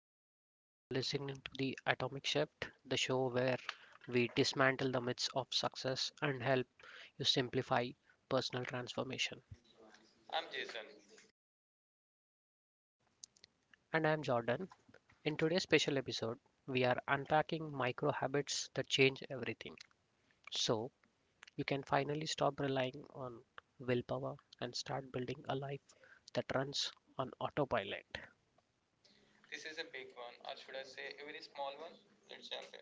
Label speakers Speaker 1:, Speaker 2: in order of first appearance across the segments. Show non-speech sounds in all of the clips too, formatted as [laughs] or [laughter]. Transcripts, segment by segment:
Speaker 1: hello, everyone. You are listening to the Atomic Shift, the show where we dismantle the myths of success and help you simplify personal transformation.
Speaker 2: I'm Jason.
Speaker 1: And I'm Jordan. In today's special episode, we are unpacking micro habits that change everything. So you can finally stop relying on willpower and start building a life that runs on autopilot.
Speaker 2: This is a big one, or should I say, a very small one? Let's jump in.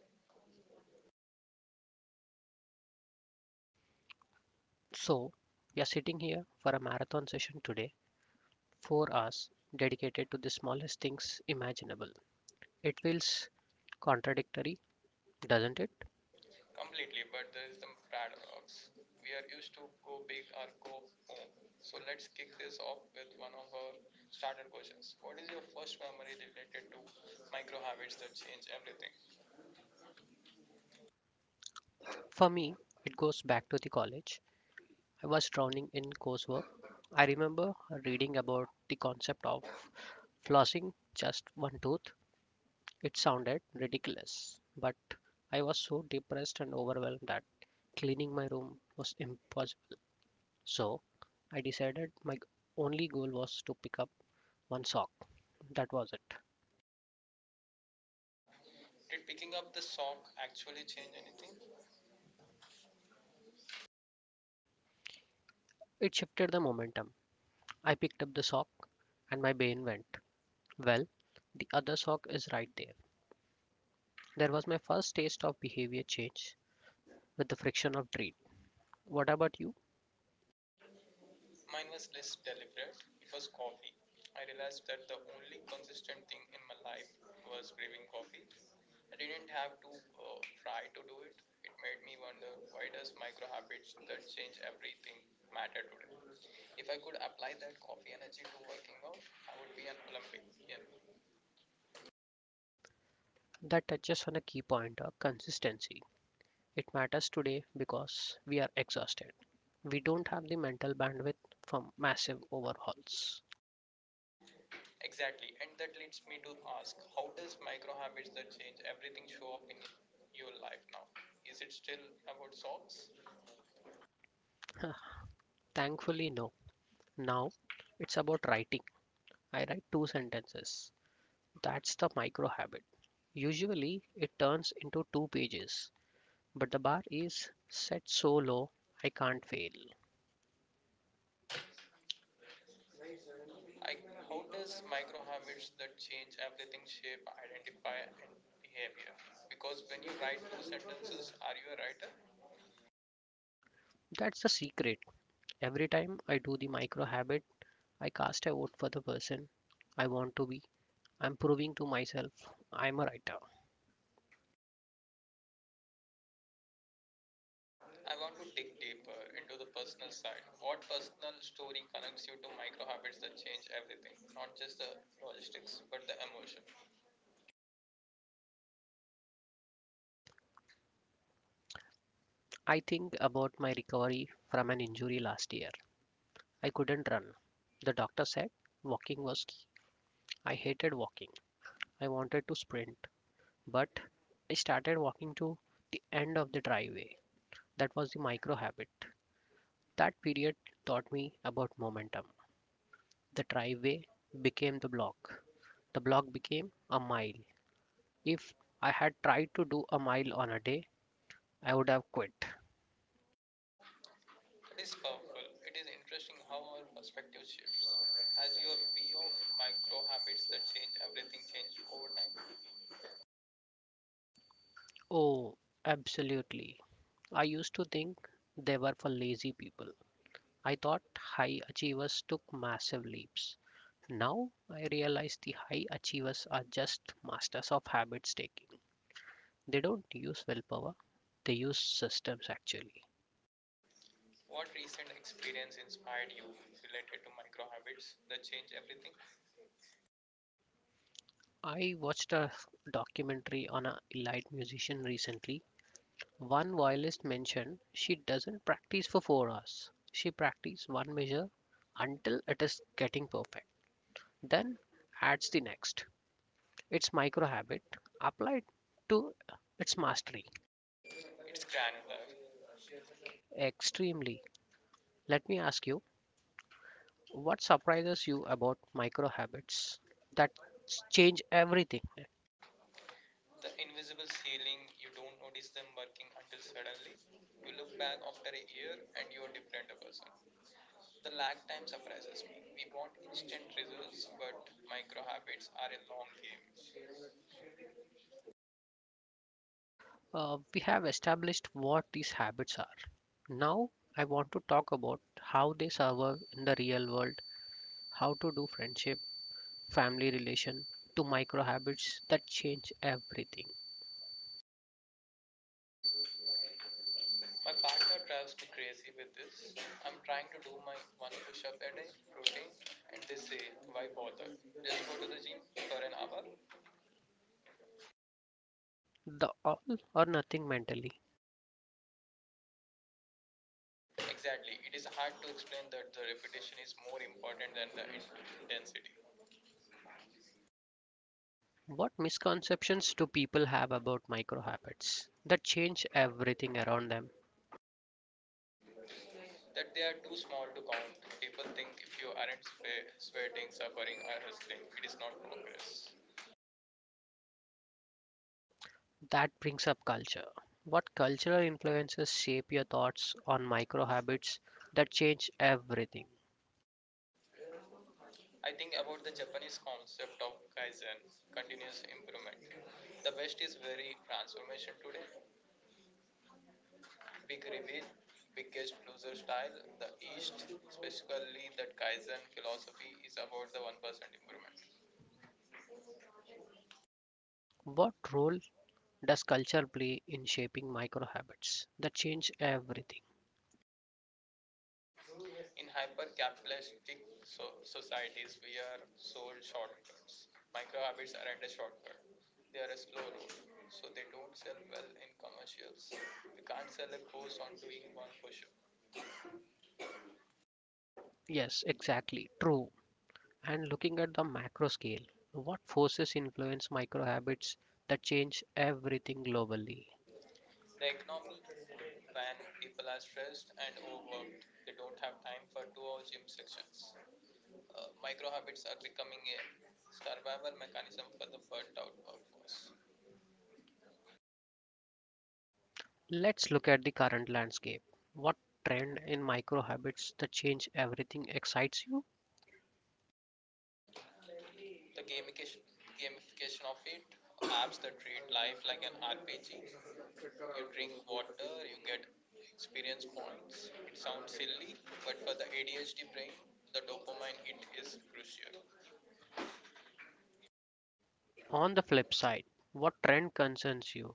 Speaker 1: So we are sitting here for a marathon session today, 4 hours dedicated to the smallest things imaginable. It feels contradictory, doesn't it?
Speaker 2: Completely, but there is the paradox. We are used to go big or go home. So let's kick this off with one of our starter questions. What is your first memory related to micro habits that change everything?
Speaker 1: For me, it goes back to the college. I was drowning in coursework. I remember reading about the concept of flossing just one tooth. It sounded ridiculous, but I was so depressed and overwhelmed that cleaning my room was impossible. So I decided my only goal was to pick up one sock. That was it.
Speaker 2: Did picking up the sock actually change anything?
Speaker 1: It shifted the momentum. I picked up the sock and my brain went, "Well, the other sock is right there." There was my first taste of behavior change with the friction of trade. What about you?
Speaker 2: Mine was less deliberate. It was coffee. I realized that the only consistent thing in my life was brewing coffee. I didn't have to try to do it. It made me wonder, why does micro habits that change everything matter today? If I could apply that coffee energy to working out, I would be an Olympian.
Speaker 1: That touches on a key point of consistency. It matters today because we are exhausted. We don't have the mental bandwidth for massive overhauls.
Speaker 2: Exactly. And that leads me to ask, how does micro habits that change everything show up in your life now? Is it still about socks?
Speaker 1: [laughs] Thankfully, no. Now it's about writing. I write two sentences. That's the micro habit. Usually it turns into two pages, but the bar is set so low I can't fail.
Speaker 2: Like, how does micro habits that change everything shape, identify, and behavior? Because when you write those sentences, are you a writer?
Speaker 1: That's the secret. Every time I do the micro habit, I cast a vote for the person I want to be. I'm proving to myself I'm a writer.
Speaker 2: I want to dig deeper into the personal side. What personal story connects you to micro habits that change everything? Not just the logistics, but the emotion.
Speaker 1: I think about my recovery from an injury last year. I couldn't run. The doctor said walking was key. I hated walking. I wanted to sprint, but I started walking to the end of the driveway. That was the micro habit. That period taught me about momentum. The driveway became the block. The block became a mile. If I had tried to do a mile on a day, I would have quit.
Speaker 2: It is powerful. It is interesting how our perspective shifts. Has your view of micro habits that change everything changed over time?
Speaker 1: Oh, absolutely. I used to think they were for lazy people. I thought high achievers took massive leaps. Now I realize the high achievers are just masters of habit taking. They don't use willpower, they use systems actually.
Speaker 2: What recent experience inspired you related to micro habits that change everything?
Speaker 1: I watched a documentary on an elite musician recently. One violist mentioned she doesn't practice for 4 hours. She practices one measure until it is getting perfect, then adds the next. It's micro habit applied to its mastery.
Speaker 2: It's granular.
Speaker 1: Extremely. Let me ask you, what surprises you about micro habits that change everything?
Speaker 2: The invisible ceiling, you don't notice them working until suddenly you look back after a year and you are different a person. The lag time surprises me. We want instant results, but micro habits are a long game.
Speaker 1: We have established what these habits are. Now I want to talk about how they survive in the real world, how to do friendship family relation to micro habits that change everything.
Speaker 2: My partner drives me crazy with this. I'm trying to do my one push up a day routine, and they say, "Why bother? Just go to the gym for an hour."
Speaker 1: The all or nothing mentally.
Speaker 2: Exactly. It is hard to explain that the repetition is more important than the intensity.
Speaker 1: What misconceptions do people have about micro habits that change everything around them?
Speaker 2: That they are too small to count. People think if you aren't sweating, suffering, or hustling, it is not progress.
Speaker 1: That brings up culture. What cultural influences shape your thoughts on micro habits that change everything?
Speaker 2: I think about the Japanese concept of kaizen, continuous improvement. The West is very transformation today. Big reveal, biggest loser style. The East, especially that kaizen philosophy, is about the 1% improvement.
Speaker 1: What role does culture play in shaping micro habits that change everything?
Speaker 2: In hyper-capitalistic societies, we are sold shortcuts. Micro habits aren't a shortcut; they are a slow road, so they don't sell well in commercials. You can't sell a course on doing one push-up.
Speaker 1: Yes, exactly. True. And looking at the macro scale, what forces influence micro habits that change everything globally?
Speaker 2: The economy, when people are stressed and overworked, they don't have time for two-hour gym sessions. Micro habits are becoming a survival mechanism for the burnt-out workforce.
Speaker 1: Let's look at the current landscape. What trend in micro habits that change everything excites you?
Speaker 2: The gamification of it, apps that treat life like an RPG. You drink water, you get experience points. It sounds silly, but for the ADHD brain, the dopamine hit is crucial.
Speaker 1: On the flip side, what trend concerns you?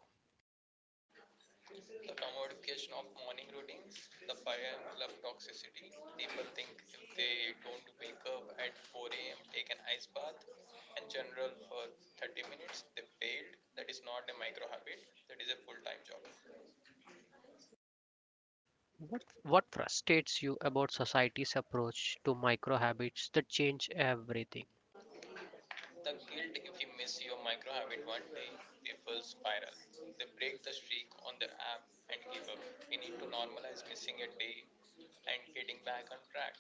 Speaker 2: The commodification of morning routines, the fire and love toxicity. People think if they don't wake up at 4 a.m., take an ice bath, and general for 30 minutes, they failed. That is not a micro habit, that is a full time job.
Speaker 1: What frustrates you about society's approach to micro habits that change everything?
Speaker 2: The guilt, if you miss your micro habit 1 day, they will spiral. They break the streak on the app and give up. We need to normalize missing a day and getting back on track.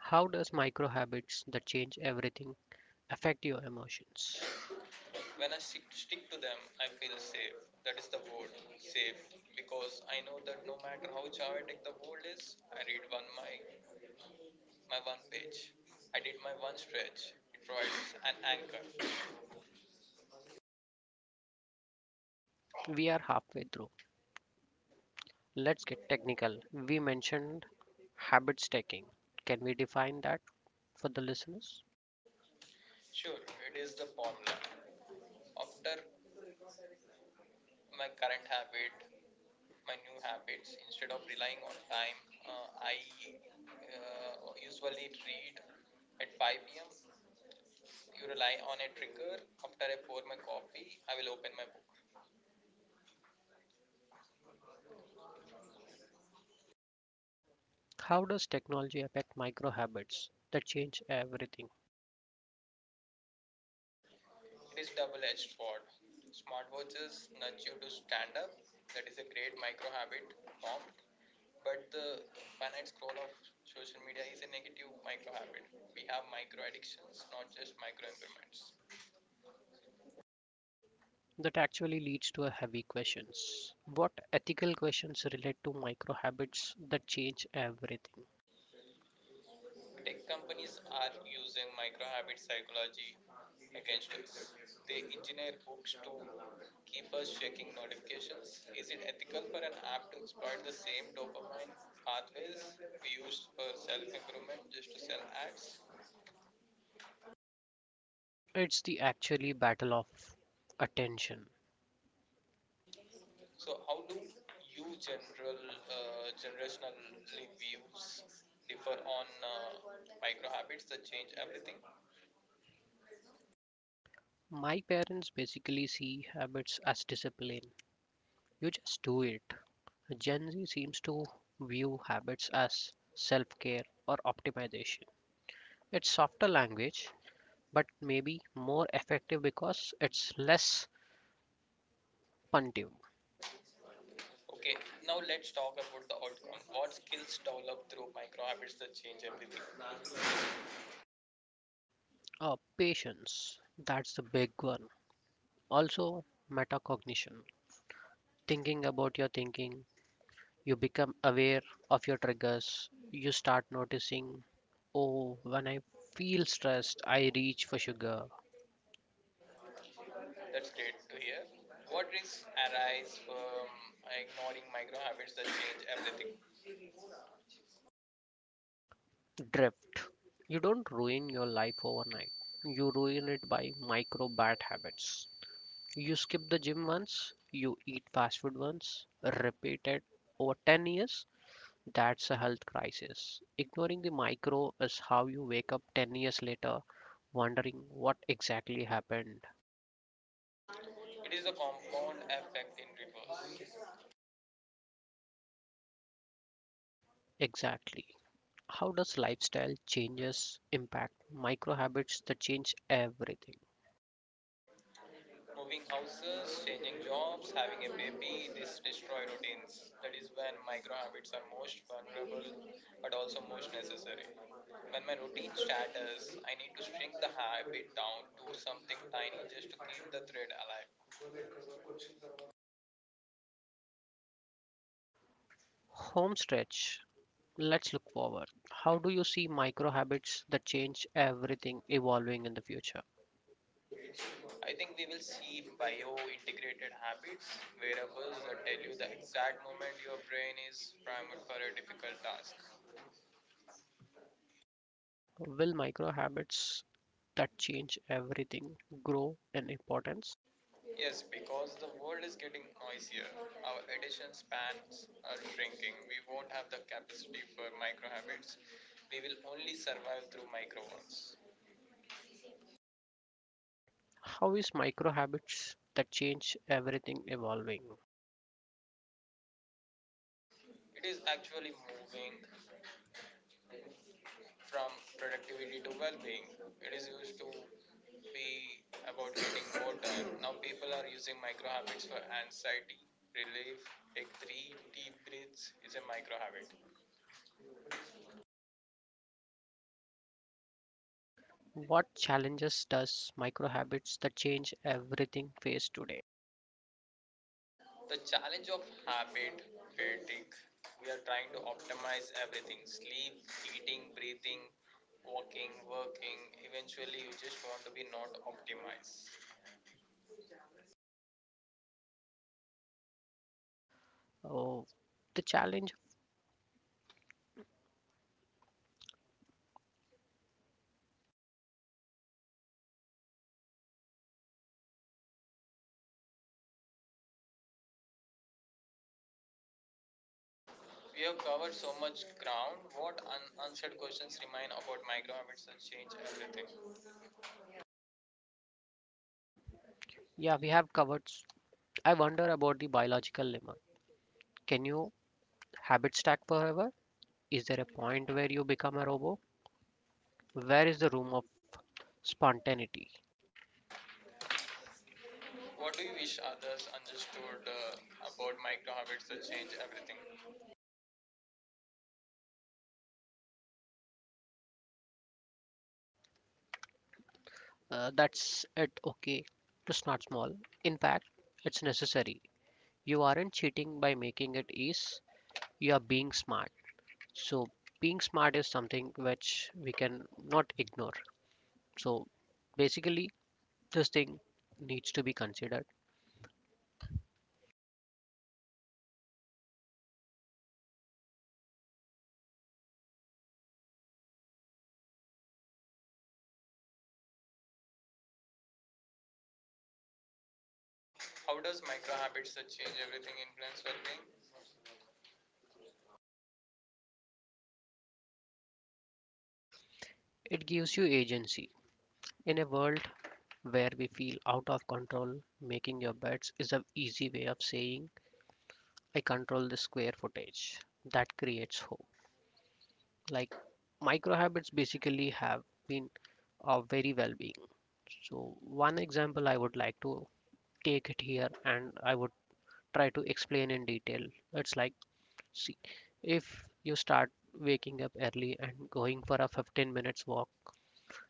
Speaker 1: How does micro habits that change everything affect your emotions?
Speaker 2: When I stick to them, I feel safe. That is the word, safe, because I know that no matter how chaotic the world is, I read one my my one page. I did my one stretch. It provides an anchor.
Speaker 1: We are halfway through. Let's get technical. We mentioned habit stacking. Can we define that for the listeners?
Speaker 2: Sure, it is the formula. After my current habit, my new habits instead of relying on time, I usually read at 5 p.m. You rely on a trigger. After I pour my coffee, I will open my book.
Speaker 1: How does technology affect micro habits that change everything?
Speaker 2: It is double-edged sword. Smartwatches nudge you to stand up. That is a great micro habit formed, but the infinite scroll of social media is a negative micro habit. We have micro addictions, not just micro impairments.
Speaker 1: That actually leads to a heavy questions. What ethical questions relate to micro habits that change everything?
Speaker 2: Tech companies are using microhabit psychology against us. They engineer hooks to keep us checking notifications. Is it ethical for an app to exploit the same dopamine pathways we used for self improvement just to sell ads?
Speaker 1: It's the actually battle of attention.
Speaker 2: So, how do you general generationally views differ on micro that change everything?
Speaker 1: My parents basically see habits as discipline. You just do it. Gen Z seems to view habits as self care or optimization. It's softer language, but maybe more effective because it's less punitive.
Speaker 2: Okay, now let's talk about the outcome. What skills develop through micro habits that change everything?
Speaker 1: Oh, patience, that's the big one. Also, metacognition. Thinking about your thinking, you become aware of your triggers, you start noticing, oh, when I feel stressed, I reach for sugar.
Speaker 2: That's great to hear. What risks arise from ignoring micro habits that change everything?
Speaker 1: Drift. You don't ruin your life overnight. You ruin it by micro bad habits. You skip the gym once, you eat fast food once, repeat it over 10 years. That's a health crisis. Ignoring the micro is how you wake up 10 years later wondering what exactly happened.
Speaker 2: It is the compound effect in reverse.
Speaker 1: Exactly. How does lifestyle changes impact micro habits that change everything?
Speaker 2: Moving houses, changing jobs, having a baby, this destroy routines. That is when micro habits are most vulnerable, but also most necessary. When my routine shatters, I need to shrink the habit down to something tiny just to keep the thread alive.
Speaker 1: Home stretch. Let's look forward. How do you see micro habits that change everything evolving in the future?
Speaker 2: I think we will see bio-integrated habits, wearables that tell you the exact moment your brain is primed for a difficult task.
Speaker 1: Will micro habits that change everything grow in importance?
Speaker 2: Yes, because the world is getting noisier. Our attention spans are shrinking. We won't have the capacity for micro habits. We will only survive through micro ones.
Speaker 1: How is micro habits that change everything evolving?
Speaker 2: It is actually moving from productivity to well being. It is used to be about getting more done. Now people are using micro habits for anxiety relief. Take three deep breaths is a micro habit.
Speaker 1: What challenges does micro habits that change everything face today?
Speaker 2: The challenge of habit fatigue. We are trying to optimize everything: sleep, eating, breathing, walking, working. Eventually, you just want to be not optimized.
Speaker 1: Oh, the challenge.
Speaker 2: We have covered so much ground. What unanswered questions remain about micro habits that change everything?
Speaker 1: Yeah, we have covered. I wonder about the biological limit. Can you habit stack forever? Is there a point where you become a robot? Where is the room of spontaneity?
Speaker 2: What do you wish others understood about micro habits that change everything?
Speaker 1: That's it, okay. To not small. In fact, it's necessary. You aren't cheating by making it easy. You are being smart. So, being smart is something which we can not ignore. So, basically, this thing needs to be considered.
Speaker 2: How does micro habits that change everything influence well being?
Speaker 1: It gives you agency. In a world where we feel out of control, making your bets is an easy way of saying, I control the square footage. That creates hope. Like, micro habits basically have been very well-being. So one example I would like to take it here, and I would try to explain in detail. It's like, see, if you start waking up early and going for a 15 minutes walk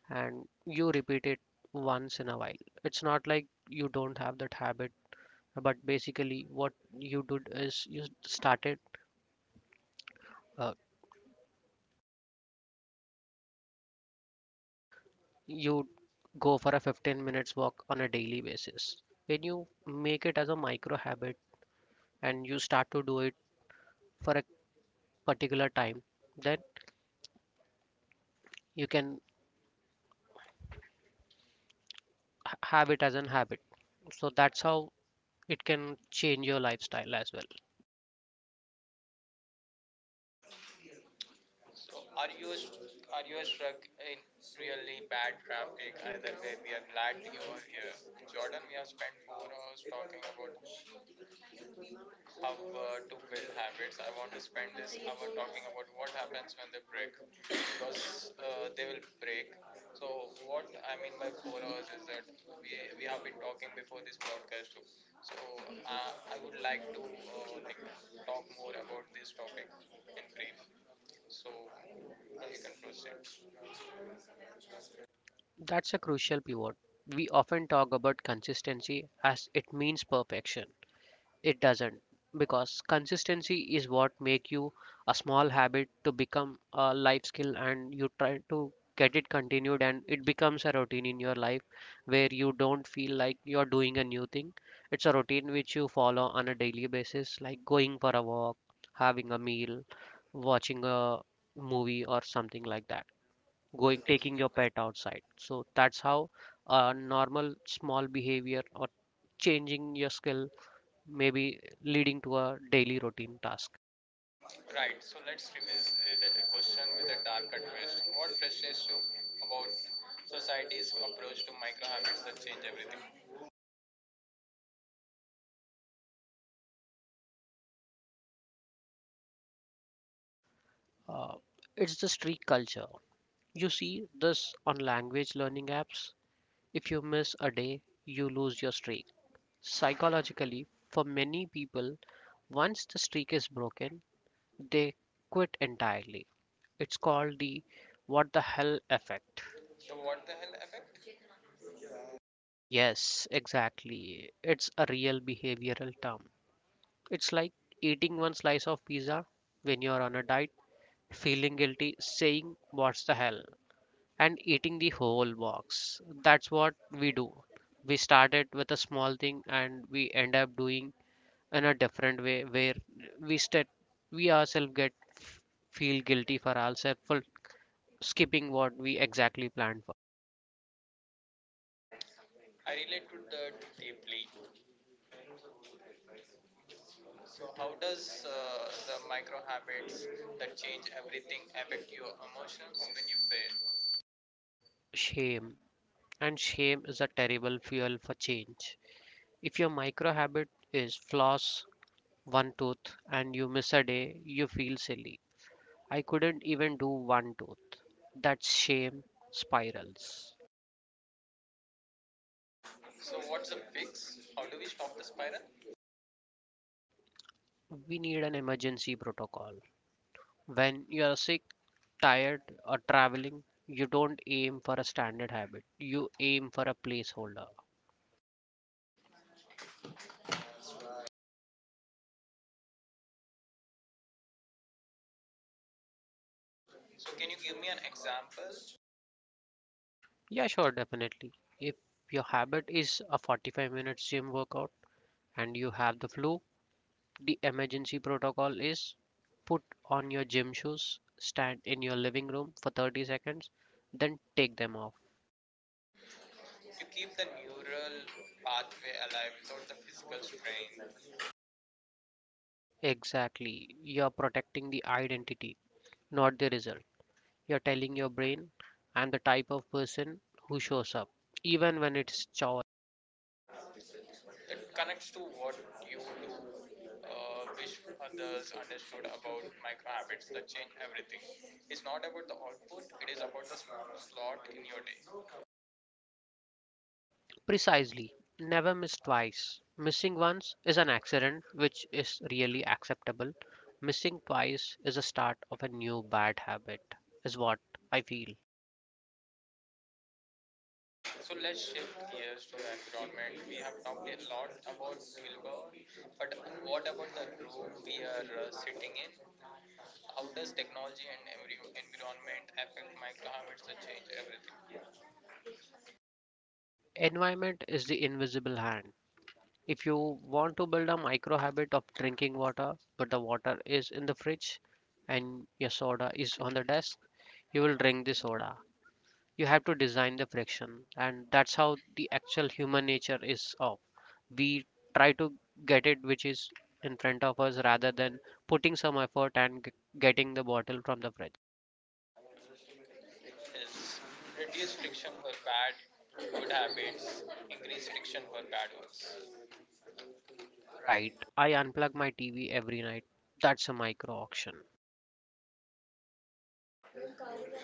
Speaker 1: and you repeat it once in a while, it's not like you don't have that habit. But basically what you did is you started, uh, you go for a 15 minutes walk on a daily basis. When you make it as a micro habit and you start to do it for a particular time, then you can have it as an habit. So that's how it can change your lifestyle as well.
Speaker 2: So are you are you stuck in really bad traffic? Either way, we are glad you are here. Jordan, we have spent 4 hours talking about how to build habits. I want to spend this hour talking about what happens when they break, because they will break. So, what I mean by 4 hours is that we have been talking before this podcast too. So, I would like to like talk more about this topic in brief. So, you can proceed.
Speaker 1: That's a crucial pivot. We often talk about consistency as it means perfection. It doesn't, because consistency is what make you a small habit to become a life skill, and you try to get it continued and it becomes a routine in your life where you don't feel like you're doing a new thing. It's a routine which you follow on a daily basis, like going for a walk, having a meal, watching a movie or something like that. Going taking your pet outside. So that's how a normal small behavior or changing your skill maybe leading to a daily routine task.
Speaker 2: Right. So, let's revisit the question with a darker twist. What frustrates you about society's approach to micro habits that change everything?
Speaker 1: Uh, it's the streak culture. You see this on language learning apps. If you miss a day, you lose your streak. Psychologically, for many people, once the streak is broken, they quit entirely. It's called the what the hell effect.
Speaker 2: The what the hell effect?
Speaker 1: Yes, exactly. It's a real behavioral term. It's like eating one slice of pizza when you're on a diet feeling guilty, saying, "What's the hell?" and eating the whole box. That's what we do. We started with a small thing and we end up doing in a different way where we st- we ourselves get feel guilty for ourselves for skipping what we exactly planned for.
Speaker 2: I relate to that deeply. So, how does the micro habits that change everything affect your emotions when you fail?
Speaker 1: Shame, and shame is a terrible fuel for change. If your micro habit is floss one tooth and you miss a day, you feel silly. I couldn't even do one tooth. That shame spirals.
Speaker 2: So, what's the fix? How do we stop the spiral?
Speaker 1: We need an emergency protocol. When you are sick, tired, or traveling, you don't aim for a standard habit. You aim for a placeholder.
Speaker 2: So, can you give me an example? To
Speaker 1: Yeah, sure, definitely. If your habit is a 45 minutes gym workout and you have the flu, the emergency protocol is put on your gym shoes, stand in your living room for 30 seconds, then take them off.
Speaker 2: keep the neural pathway alive without the physical strain.
Speaker 1: Exactly. You're protecting the identity, not the result. You're telling your brain, I'm the type of person who shows up, even when it's chaos.
Speaker 2: It connects to what you do wish others understood about micro habits that change everything. It's not about the output, it is about the slot in your day.
Speaker 1: Precisely. Never miss twice. Missing once is an accident, which is really acceptable. Missing twice is the start of a new bad habit, is what I feel.
Speaker 2: So let's shift gears to the environment. We have talked a lot about Gilbert, but what about the room we are sitting in? How does technology and environment affect micro habits that change everything?
Speaker 1: Environment is the invisible hand. If you want to build a micro habit of drinking water, but the water is in the fridge and your soda is on the desk, you will drink the soda. You have to design the friction, and that's how the actual human nature is of. We try to get it which is in front of us rather than putting some effort and getting the bottle from the fridge.
Speaker 2: Is reduce friction for bad good habits, increase friction for bad ones.
Speaker 1: Right, I unplug my TV every night. That's a micro auction.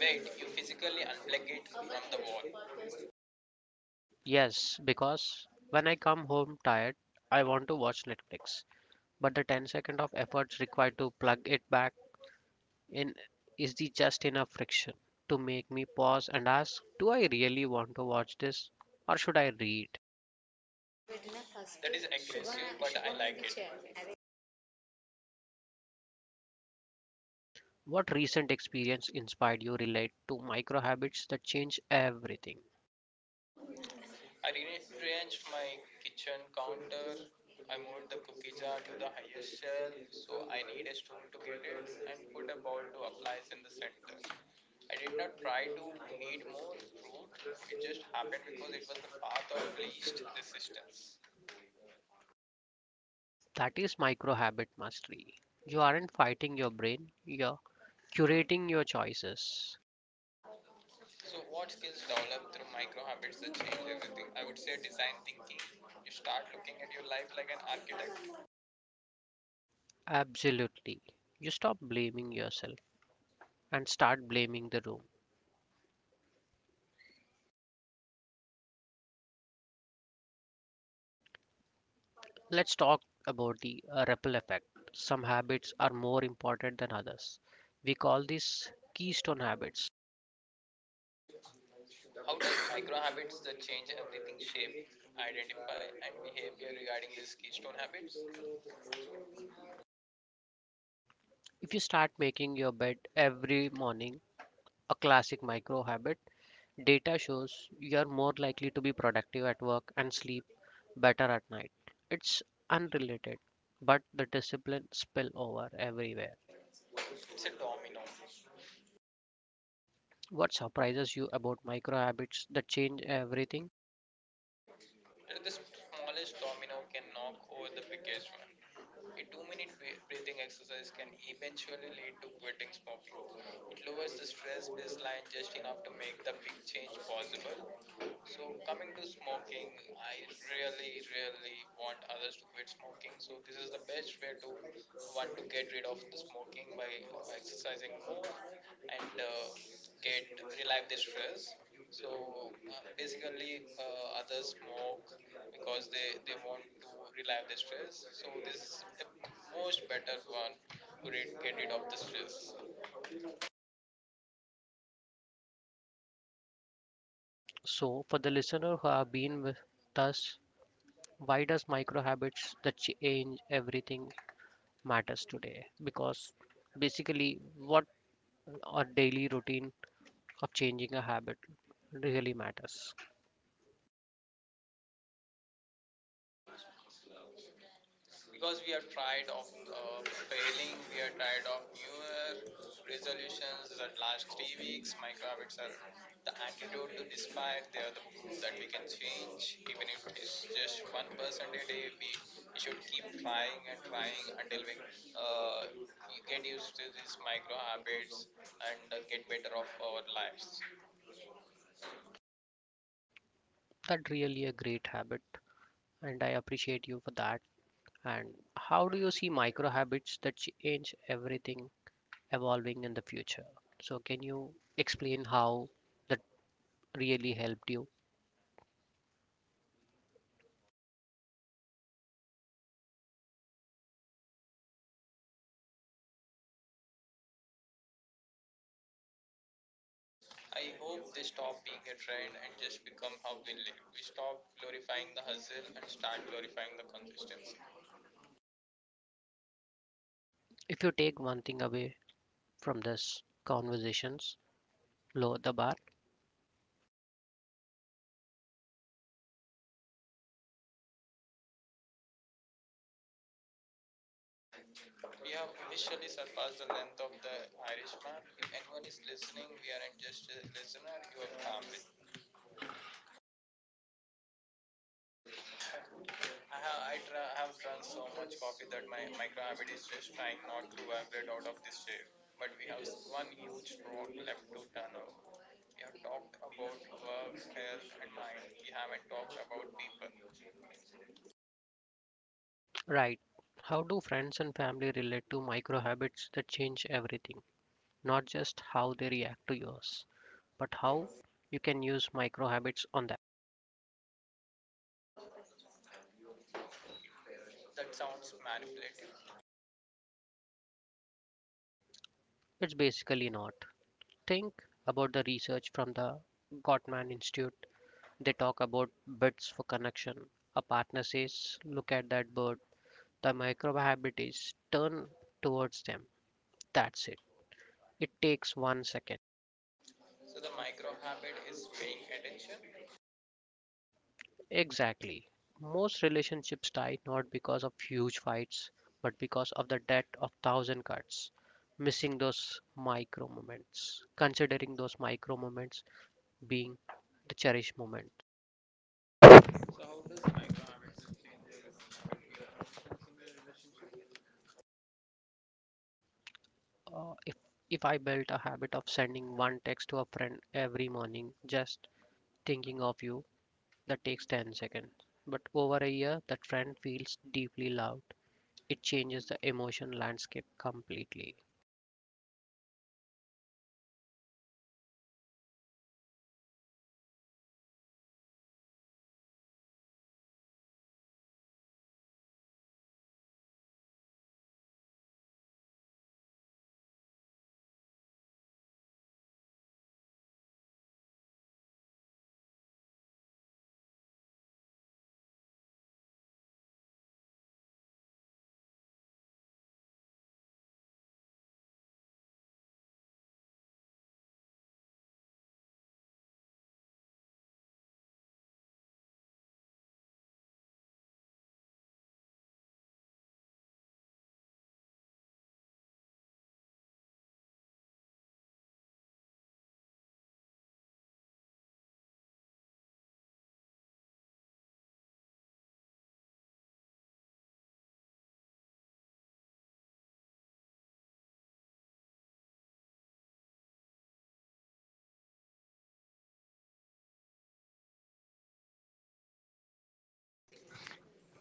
Speaker 2: Wait, you physically unplug it from the wall.
Speaker 1: Yes, because when I come home tired, I want to watch Netflix. But the 10 second of efforts required to plug it back in is the just enough friction to make me pause and ask, do I really want to watch this or should I read?
Speaker 2: కనబడిన first That is aggressive, but I like it.
Speaker 1: What recent experience inspired you relate to micro habits that change everything?
Speaker 2: I rearranged my kitchen counter. I moved the cookie jar to the highest shelf, so I need a stool to get it, and put a bowl to applies in the center. I did not try to need more fruit, it just happened because it was the path of least resistance.
Speaker 1: That is micro habit mastery. You aren't fighting your brain, you're curating your choices.
Speaker 2: So, what skills develop through micro habits that change everything? I would say design thinking. You start looking at your life like an architect.
Speaker 1: Absolutely. You stop blaming yourself and start blaming the room. Let's talk about the ripple effect. Some habits are more important than others. We call these keystone habits.
Speaker 2: How does micro habits that change everything shape, identify, and behavior regarding these keystone habits?
Speaker 1: If you start making your bed every morning, a classic micro habit, data shows you are more likely to be productive at work and sleep better at night. It's unrelated, but the discipline spill over everywhere.
Speaker 2: It's a domino.
Speaker 1: What surprises you about micro habits that change everything?
Speaker 2: The smallest domino can knock over the biggest one. A 2 minute breathing exercise can eventually lead to quitting smoking. It lowers the stress baseline just enough to make the big change possible. So, coming to smoking, I really, really want others to quit smoking. So, this is the best way to want to get rid of the smoking by exercising more and get relieve the stress. So, basically, others smoke because they want to relieve the stress, so this is the most better one to get rid of the stress,
Speaker 1: So, for the listener who have been with us, why does micro habits that change everything matters today? Because basically what our daily routine of changing a habit really matters.
Speaker 2: because we are tired of failing. We are tired of newer resolutions that last 3 weeks. Micro habits are the antidote to despair. They are the proof that we can change, even if it is just 1% a day. We should keep trying and trying until we uh, get used to these micro habits and get better of our lives.
Speaker 1: That really a great habit, and I appreciate you for that. And how do you see micro habits that change everything evolving in the future? So can you explain how that really helped you?
Speaker 2: I hope they stop being a trend and just become how we live. We stop glorifying the hustle and start glorifying the consistency.
Speaker 1: If you take one thing away from this conversations, lower the bar.
Speaker 2: We have officially surpassed the length of the Irishman. If anyone is listening, we aren't just a listener, you are family. I have drunk so much coffee that my microhabit is just trying not to evaporate out of this shape. But we have one huge road left to turn off. We have talked about work, health, and mind. We haven't talked about people.
Speaker 1: Right. How do friends and family relate to micro habits that change everything? Not just how they react to yours, but how you can use micro habits on that.
Speaker 2: That sounds manipulative.
Speaker 1: It's basically not. Think about the research from the Gottman Institute. They talk about bits for connection. A partner says, "Look at that bird." The micro habit is turn towards them. That's it. It takes 1 second.
Speaker 2: So the micro habit is paying attention.
Speaker 1: Exactly. Most relationships die not because of huge fights, but because of the debt of thousand cuts, missing those micro moments, considering those micro moments being the cherished moment. Uh, if if I built a habit of sending one text to a friend every morning, just thinking of you, that takes 10 seconds. But over a year, that friend feels deeply loved. It changes the emotion landscape completely.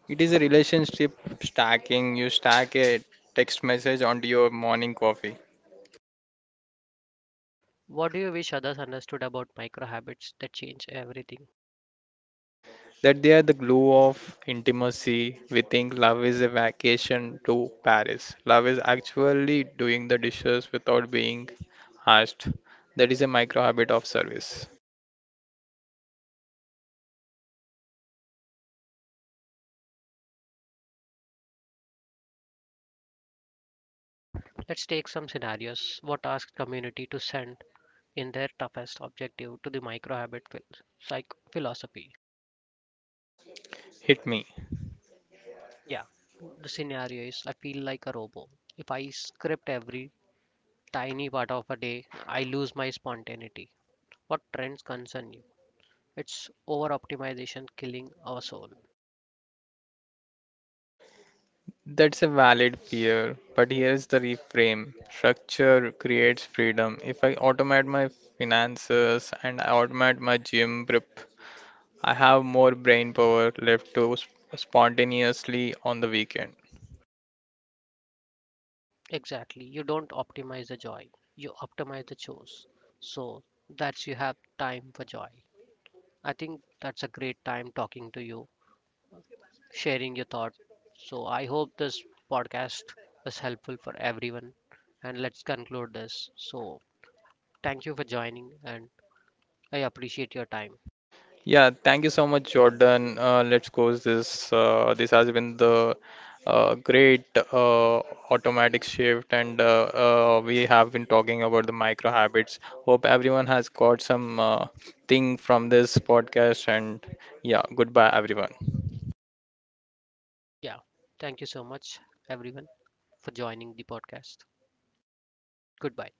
Speaker 2: It is a relationship stacking. You stack a text message onto your morning coffee.
Speaker 1: What do you wish others understood about micro habits that change everything?
Speaker 2: That they are the glue of intimacy. We think love is a vacation to Paris. Love is actually doing the dishes without being asked. That is a micro habit of service.
Speaker 1: Let's take some scenarios. What asked community to send in their toughest objective to the micro habit philosophy?
Speaker 2: Hit me.
Speaker 1: Yeah, the scenario is I feel like a robot. If I script every tiny part of a day, I lose my spontaneity. What trends concern you? It's over optimization killing our soul.
Speaker 2: That's a valid fear, but here's the reframe. Structure creates freedom. If I automate my finances and I automate my gym prep, I have more brain power left to spontaneously on the weekend.
Speaker 1: Exactly. You don't optimize the joy, you optimize the chores. So that's you have time for joy. I think that's a great time talking to you, sharing your thought. So I hope this podcast was helpful for everyone. And let's conclude this. So thank you for joining, and I appreciate your time.
Speaker 2: Yeah, thank you so much, Jordan. Let's close this. This has been the great, uh, automatic shift, and we have been talking about the micro habits. Hope everyone has got some thing from this podcast, and yeah, goodbye, everyone.
Speaker 1: Yeah, thank you so much, everyone, for joining the podcast. Goodbye.